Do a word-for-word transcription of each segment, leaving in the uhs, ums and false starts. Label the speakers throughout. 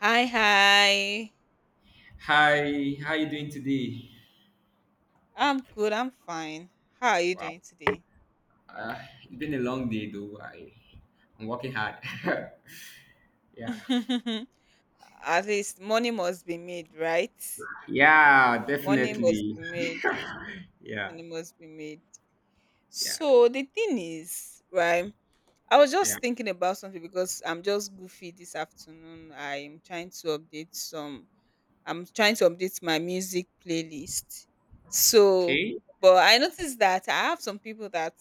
Speaker 1: Hi, hi.
Speaker 2: Hi, how you doing today?
Speaker 1: I'm good. I'm fine. How are you
Speaker 2: Wow,
Speaker 1: doing today?
Speaker 2: uh, it's been a long day though. I, I'm working hard. yeah,
Speaker 1: At least money must be made, right?
Speaker 2: yeah,
Speaker 1: Money must
Speaker 2: definitely.
Speaker 1: be made.
Speaker 2: Yeah,
Speaker 1: Money must be made.
Speaker 2: yeah,
Speaker 1: So the thing is, right? I was
Speaker 2: yeah.
Speaker 1: just thinking about something because I'm just goofy this afternoon. I'm trying to update some I'm trying to update my music playlist. So,
Speaker 2: Okay.
Speaker 1: but I noticed that I have some people that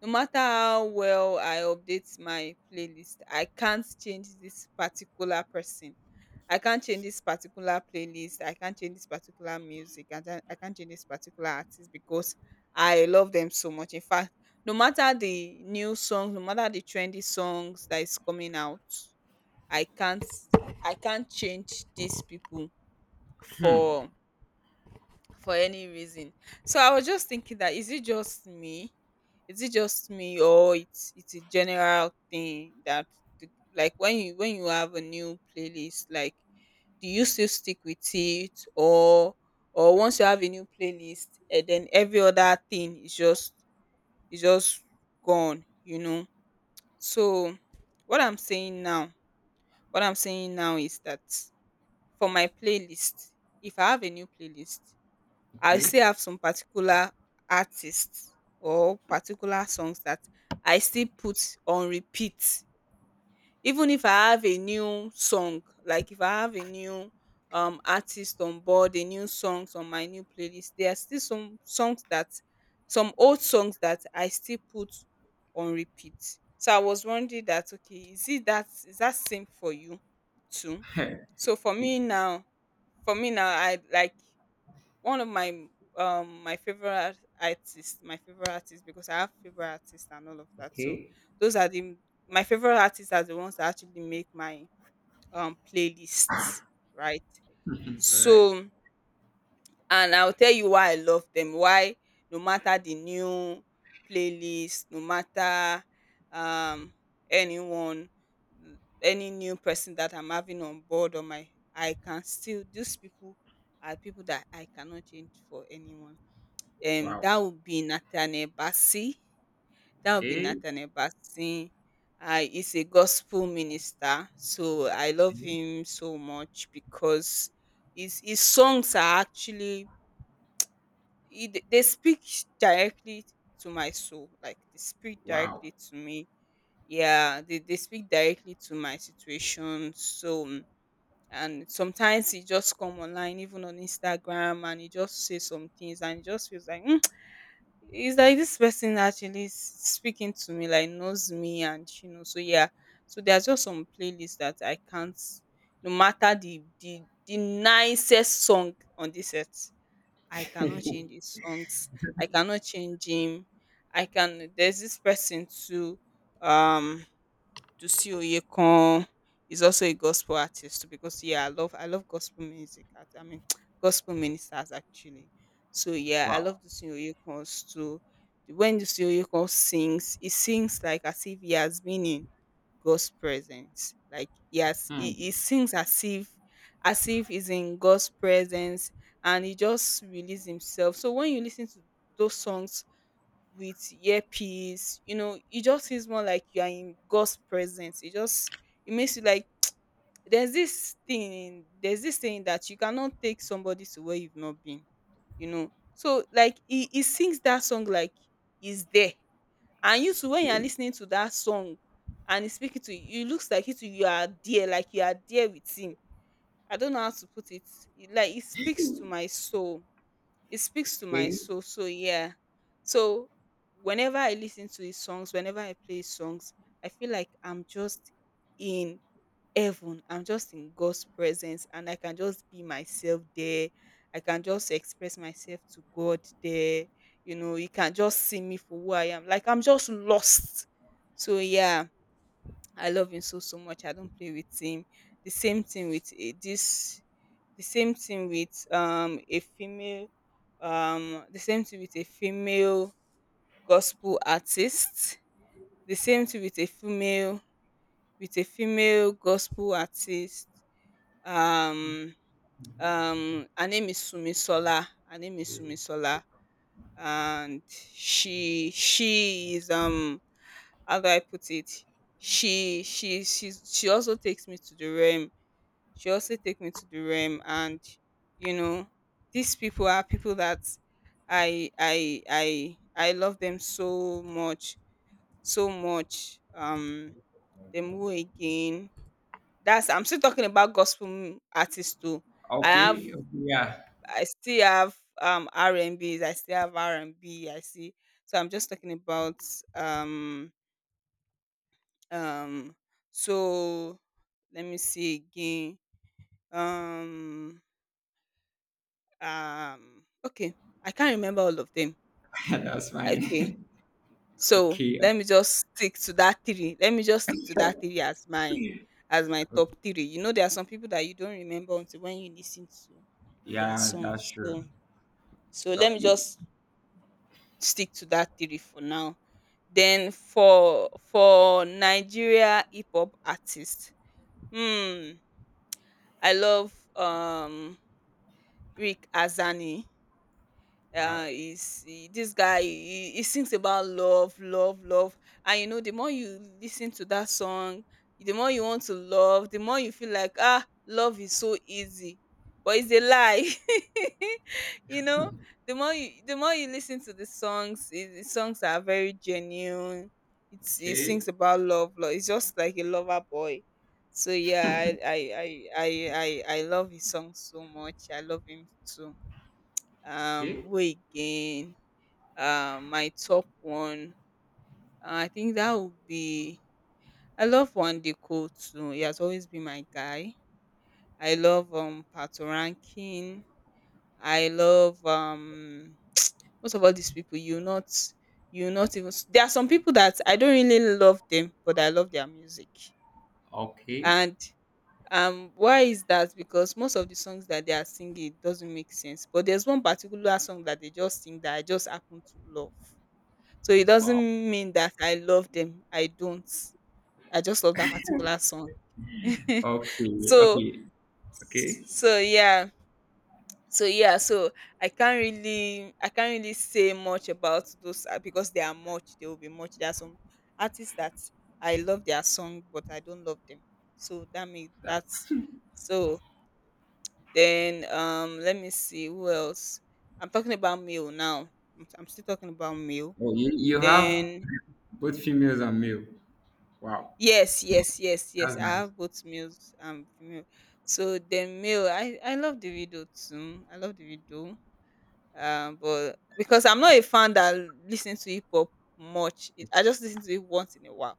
Speaker 1: no matter how well I update my playlist, I can't change this particular person. I can't change this particular playlist. I can't change this particular music. I can't, I can't change this particular artist because I love them so much. In fact, no matter the new songs, no matter the trendy songs that is coming out, I can't I can't change these people
Speaker 2: Hmm.
Speaker 1: for for any reason. So I was just thinking that is it just me? Is it just me or it's it's a general thing that the- like when you when you have a new playlist, like do you still stick with it or or once you have a new playlist and then every other thing is just is just gone, you know? So what I'm saying now, what I'm saying now is that for my playlist, if I have a new playlist, I
Speaker 2: Okay.
Speaker 1: still have some particular artists or particular songs that I still put on repeat. Even if I have a new song, like if I have a new um artist on board, a new songs on my new playlist, there are still some songs that some old songs that I still put on repeat. So I was wondering that okay, is it that is that same for you too? So for
Speaker 2: It-
Speaker 1: me now, for me now, I like one of my um my favorite artists my favorite artists because I have favorite artists and all of that. So
Speaker 2: okay.
Speaker 1: those are the my favorite artists are the ones that actually make my um playlists, right?
Speaker 2: All right.
Speaker 1: So and I'll tell you why I love them, why no matter the new playlist, no matter um anyone, n- any new person that I'm having on board on my, I can still these people are people that I cannot change for anyone. um
Speaker 2: Wow.
Speaker 1: that would be Nathaniel Bassey. That would be
Speaker 2: Okay.
Speaker 1: Nathaniel Bassey. Uh, he's a gospel minister, so I love
Speaker 2: Mhm.
Speaker 1: him so much because his his songs are actually he, they speak directly to my soul. Like they speak
Speaker 2: Wow.
Speaker 1: directly to me. Yeah, they, they speak directly to my situation. So mm, and sometimes he just come online, even on Instagram, and he just say some things, and it just feels like it's like this person actually is speaking to me, like knows me, and you know, so yeah. So there's just some playlists that I can't, no matter the the the nicest song on this earth, I cannot change his songs. I cannot change him. I can. There's this person too. Um, Dusi Oyekan is also a gospel artist because yeah, I love I love gospel music. I I mean gospel ministers actually. So yeah, I
Speaker 2: wow.
Speaker 1: love Dusi Oyekan's too. When Dusi Oyekan sings, he sings like as if he has been in God's presence. Like yes, he,
Speaker 2: Hmm.
Speaker 1: he sings as if as if he's in God's presence and he just release himself. So when you listen to those songs with earpiece. You know, it just feels more like you are in God's presence. It just it makes you like there's this thing there's this thing that you cannot take somebody to where you've not been. You know, so like he, he sings that song like he's there, and you too when you are
Speaker 2: Okay.
Speaker 1: listening to that song and he's speaking to you, it looks like you too you are there, like you are there with him. I don't know how to put it. It- Like it speaks to my soul, it speaks to my
Speaker 2: Okay.
Speaker 1: soul. So yeah. So whenever I listen to his songs, whenever I play his songs, I feel like I'm just in heaven. I'm just in God's presence and I can just be myself there. I can just express myself to God there. You know, he can just see me for who I am. Like I'm just lost. So yeah, I love him so so much. I don't play with him. The same thing with eh, this the same thing with um a female um the same thing with a female gospel artist the same thing with a female with a female gospel artist. um um her name is Sumisola, her name is sumisola and she she is um how do I put it, she she she's, she also takes me to the realm. She also take me to the R E M, and you know, these people are people that I I I I love them so much, so much. Um them again. That's I'm still talking about gospel m- artists too. I have
Speaker 2: Okay. Yeah,
Speaker 1: I still have um R and B's, I still have R and B, I see. So I'm just talking about um um so let me see again. Um um okay, I can't remember all of them.
Speaker 2: that's
Speaker 1: Okay,
Speaker 2: fine.
Speaker 1: so
Speaker 2: okay.
Speaker 1: let me just stick to that three let me just stick to that three as my as my top three. You know, there are some people that you don't remember until when you listen to their
Speaker 2: Yeah, that's
Speaker 1: songs.
Speaker 2: true.
Speaker 1: So so
Speaker 2: Wow.
Speaker 1: let me
Speaker 2: You,
Speaker 1: just stick to that three for now. Then for for Nigeria hip-hop artist, hmm I love um Rick Azani.
Speaker 2: wow.
Speaker 1: uh is he- this guy he, he sings about love, love, love, and you know the more you listen to that song the more you want to love, the more you feel like ah love is so easy. But it's a lie. You know, the more you the more you listen to the songs, i- the songs are very genuine. It's it
Speaker 2: Okay,
Speaker 1: sings about love, love. It's just like a lover boy. So yeah, i i i i i, I love his song so much. I love him too. Um
Speaker 2: okay,
Speaker 1: way again um my top one, uh, I think that would be I love Wandiko too. He has always been my guy. I love um Pato Ranking. I love um most of all these people you not you not even s- there are some people that I don't really love them, but I love their music.
Speaker 2: okay.
Speaker 1: And um why is that? Because most of the songs that they are singing doesn't make sense, but there's one particular song that they just sing that I just happen to love. So it
Speaker 2: Wow.
Speaker 1: doesn't mean that I love them. I don't. I just love that particular song.
Speaker 2: Okay,
Speaker 1: So
Speaker 2: okay, okay.
Speaker 1: so yeah. So yeah, so I can't really I can't really say much about those, uh, because there are much, there will be much. There are some artists that I love their song, but I don't love them. So that means that's
Speaker 2: That's
Speaker 1: so then um let me see who else. I'm talking about male now. I'm, I'm still talking about male.
Speaker 2: oh, you, you have
Speaker 1: Then
Speaker 2: both females and male. Wow,
Speaker 1: yes, yes, yes, yes.
Speaker 2: that's
Speaker 1: I
Speaker 2: nice.
Speaker 1: have both males and female. So the male, I I love the video too. I love the video. Um, but because I'm not a fan that listens to hip hop much, it, I just listen to it once in a while,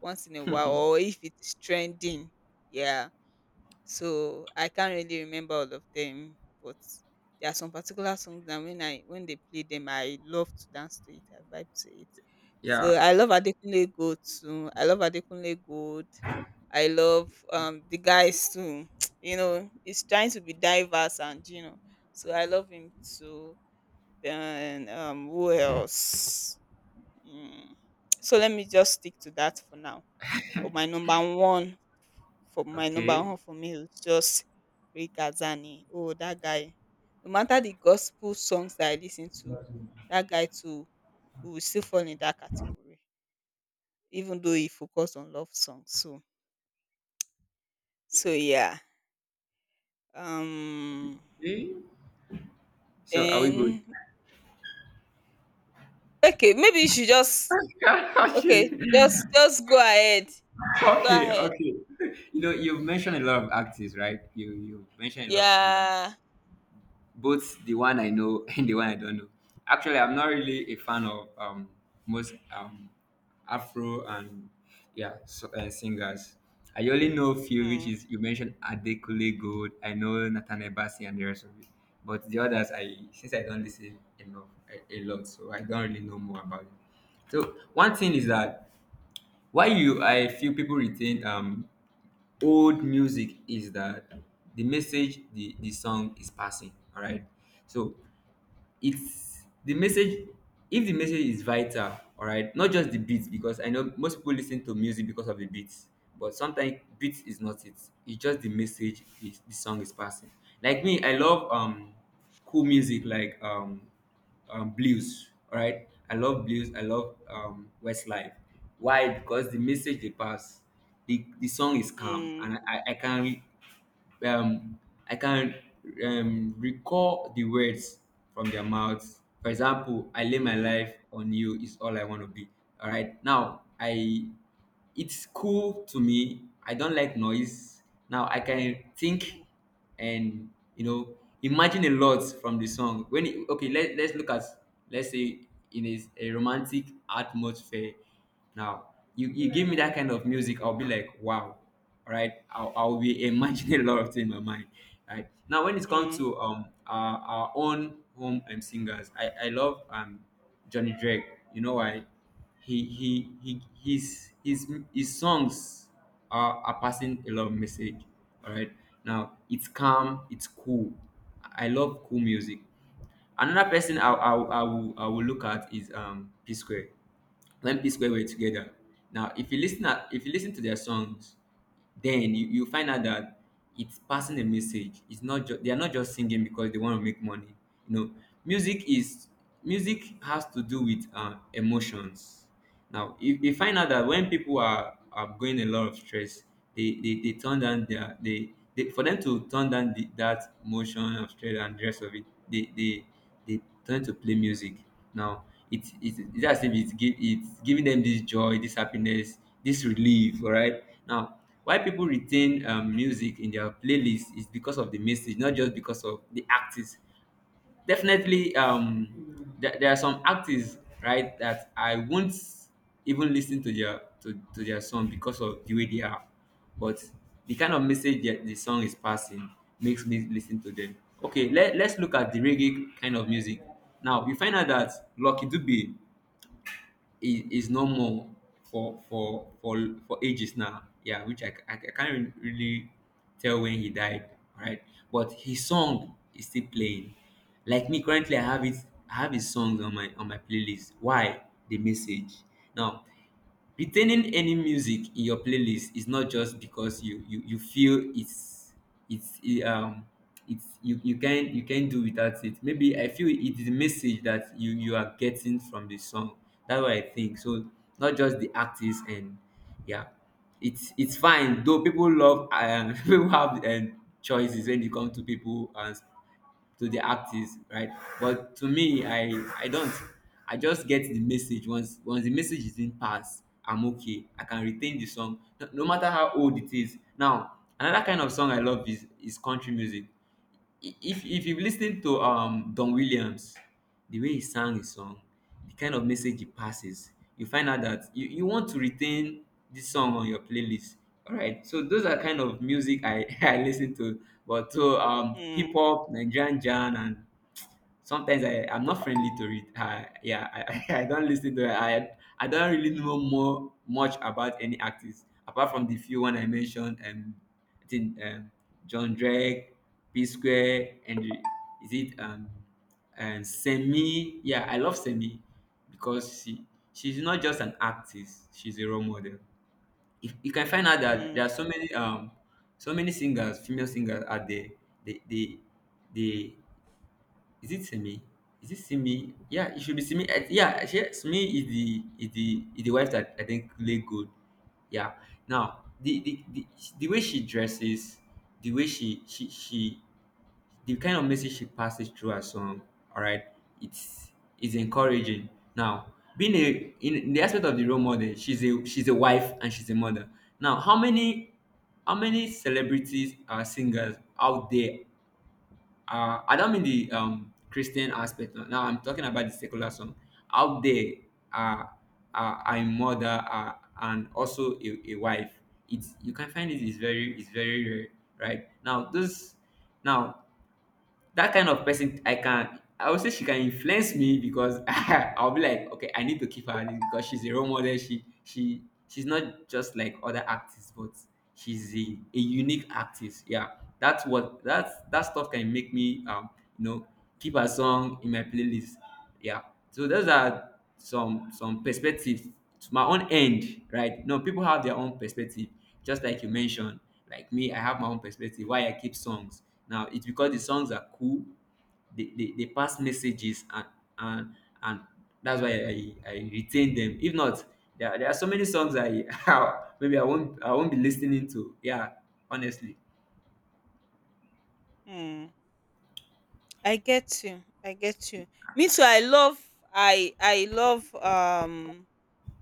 Speaker 1: once in a while, or if it's trending. Yeah, so I can't really remember all of them. But there are some particular songs that when I when they play them, I love to dance to it. I vibe to it. So
Speaker 2: Yeah.
Speaker 1: I love Adekunle Gold too. I love Adekunle Gold. I love um the guys too. You know, he's trying to be diverse and you know. So I love him too. Then um who else? Mm. So let me just stick to that for now. But my number one for my number
Speaker 2: Okay.
Speaker 1: one for me is just Rick Asani. Oh, that guy. No matter the gospel songs that I listen to, that guy too will still fall in that category, even though he focused on love songs. So, so yeah. Um.
Speaker 2: Okay. So are we good?
Speaker 1: Then okay, maybe you should just okay,
Speaker 2: okay.
Speaker 1: just just go ahead, go
Speaker 2: Okay.
Speaker 1: ahead.
Speaker 2: Okay. You know, you've mentioned a lot of artists, right? You you have mentioned a lot of singers,
Speaker 1: Yeah.
Speaker 2: both the one I know and the one I don't know. Actually, I'm not really a fan of um, most um, Afro and yeah so, uh, singers. I only know a few, which
Speaker 1: Mm,
Speaker 2: is you mentioned Adekunle Gold. I know Nathaniel Bassey and the rest of it. But the others, I, since I don't listen enough a, a lot, so I don't really know more about it. So one thing is that why you I feel people retain um old music is that the message the the song is passing. All right. So it's the message, if the message is vital, all right, not just the beats, because I know most people listen to music because of the beats, but sometimes beats is not it. It's just the message is, the song is passing. Like me, I love um cool music, like um, um blues. All right, I love blues, I love um Westlife. Why? Because the message they pass, the, the song is calm,
Speaker 1: mm,
Speaker 2: and I, I can um, I can um, recall the words from their mouths. For example, "I lay my
Speaker 1: mm,
Speaker 2: life on you is all I want to be." All right. Now I, it's cool to me. I don't like noise. Now I can think,
Speaker 1: mm,
Speaker 2: and you know, imagine a lot from the song. When it, okay, let let's look at, let's say, in a, a romantic atmosphere. Now, you, you give me that kind of music, I'll be like, wow, right? I'll, I'll be imagining a lot of things in my mind, right? Now, when it comes
Speaker 1: mm,
Speaker 2: to um our, our own home um singers, I, I love um Johnny Drake. You know why? He he he his his his songs are, are passing a lot of message. All right. Now it's calm, it's cool. I love cool music. Another person I,
Speaker 1: mm,
Speaker 2: I, I, will, I will look at is um P Square. When P Square were together. Now if you listen at, if you listen to their songs, then you, you find out that it's passing a message. It's not just, they are not just singing because they want to make money. You know, music is music has to do with uh, emotions. Now, you, you find out that when people are, are going a lot of stress, they, they, they turn down their they, they for them to turn down the, that motion of stress and the rest of it, they they, they turn to play music. Now, it, it, it's as if it's, gi- it's giving them this joy, this happiness, this relief. All right. Now, why people retain um music in their playlist is because of the message, not just because of the artist. Definitely um there, there are some artists, right, that I won't even listen to their to, to their song because of the way they are, but the kind of message that the song is passing makes me listen to them. Okay, let, let's look at the reggae kind of music. Now you find out that Lucky Dube is is no, for for for for ages now. Yeah, which I, ca- I, can't re- really tell when he died, right? But his song is still playing. Like me, currently I have it. I have his songs on my on my playlist. Why? The message. Now, retaining any music in your playlist is not just because you you, you feel it's it's e- um it's, you, you can, you can do without it. Maybe I feel it is a message that you you are getting from the song. That's what I think, so, not just the artist, and yeah, it's it's fine though, people love, and people have um choices when it comes to people and to the artist, right? But to me, I I don't I just get the message. Once, once the message is in passed, I'm okay, I can retain the song, no, no matter how old it is. Now, another kind of song I love is is country music. if if you've listened to um Don Williams, the way he sang his song, the kind of message he passes, you find out that you, you want to retain this song on your playlist. All right, so those are kind of music I I listen to, but to um hip
Speaker 1: mm,
Speaker 2: hop, Nigerian jam, and sometimes I, I'm not friendly to it. I, yeah, I, I don't listen to it. I I don't really know more much about any artists apart from the few one I mentioned. Um, I think um John Drake, P Square, and the- is it um and Semi? Yeah, I love Semi, because she, she's not just an artist. She's a role model. If you can find out that
Speaker 1: mm,
Speaker 2: there are so many um, so many singers, female singers out there. They they they is it Simi? Is it Simi? Yeah, it should be Simi. I- Yeah, she, Simi is the is the is the wife that I think lay good. Yeah. Now the the, the the way she dresses, the way she she she, the kind of message she passes through her song. All right, it's it's encouraging. Now being a, in the aspect of the role model, she's a, she's a wife and she's a mother. Now how many, how many celebrities are singers out there, uh, I don't mean the um Christian aspect. Uh, now I'm talking about the secular song. Out there, uh, uh, a mother uh, and also a, a wife. It's, you can find, it is very, it's very rare, right? Now this, now that kind of person I can, I would say she can influence me because I'll be like, okay, I need to keep her on it because she's a role model. She she she's not just like other actors, but she's a, a unique actress. Yeah. That's what, that's, that stuff can make me um, you know, keep her song in my playlist. Yeah. So those are some some perspectives to my own end, right? No, people have their own perspective, just like you mentioned. Like me, I have my own perspective. Why I keep songs now? It's because the songs are cool. They they, they pass messages, and and and that's why I, I retain them. If not, there, are- there are so many songs I maybe I won't I won't be listening to. Yeah, honestly.
Speaker 1: mm. I get you. I get you. Me too. I love. I I love um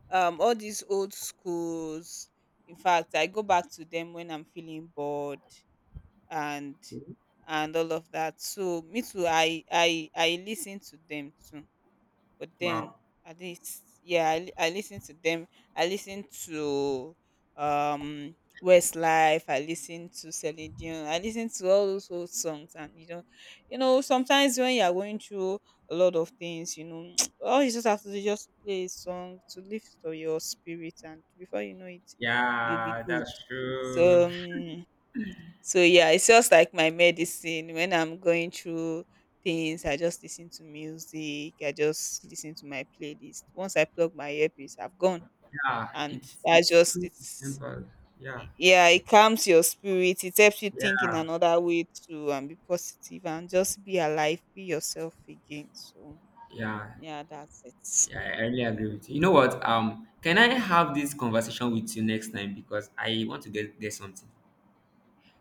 Speaker 1: um all these old schools. In fact, I go back to them when I'm feeling bored and and all of that. So me too. I I I listen to them too. But then
Speaker 2: Wow.
Speaker 1: at least yeah, i, li- I listen to them. I listen to um Westlife, I listen to Celine Dion, I listen to all those old songs. And you know, you know sometimes when you are going through a lot of things, you know all you just have to do is just to play a song to lift up your spirit, and before you know it you'll be
Speaker 2: Yeah,
Speaker 1: good.
Speaker 2: that's
Speaker 1: So
Speaker 2: true.
Speaker 1: Um, so yeah, it's just like my medicine. When I'm going through things, I just listen to music. I just listen to my playlist. Once I plug my earpiece, I've gone.
Speaker 2: Yeah,
Speaker 1: And
Speaker 2: it's
Speaker 1: that's
Speaker 2: it's
Speaker 1: just
Speaker 2: cool.
Speaker 1: it's
Speaker 2: Simple. Yeah.
Speaker 1: yeah, it calms your spirit. It helps you think
Speaker 2: Yeah,
Speaker 1: in another way too and be positive and just be alive, be yourself again. So
Speaker 2: yeah,
Speaker 1: yeah, that's it.
Speaker 2: yeah. I really agree with you. You know what? Um, can I have this conversation with you next time, because I want to get get something.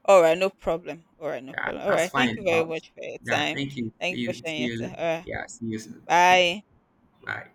Speaker 1: All right, no problem. All right, no
Speaker 2: Yeah,
Speaker 1: problem. All
Speaker 2: that's
Speaker 1: right, thank you
Speaker 2: fine.
Speaker 1: very
Speaker 2: Um,
Speaker 1: much for your
Speaker 2: yeah,
Speaker 1: time.
Speaker 2: thank you.
Speaker 1: Thank
Speaker 2: See
Speaker 1: you for
Speaker 2: you.
Speaker 1: sharing
Speaker 2: See
Speaker 1: it. All
Speaker 2: you.
Speaker 1: right,
Speaker 2: Yeah, see you soon.
Speaker 1: bye.
Speaker 2: Bye.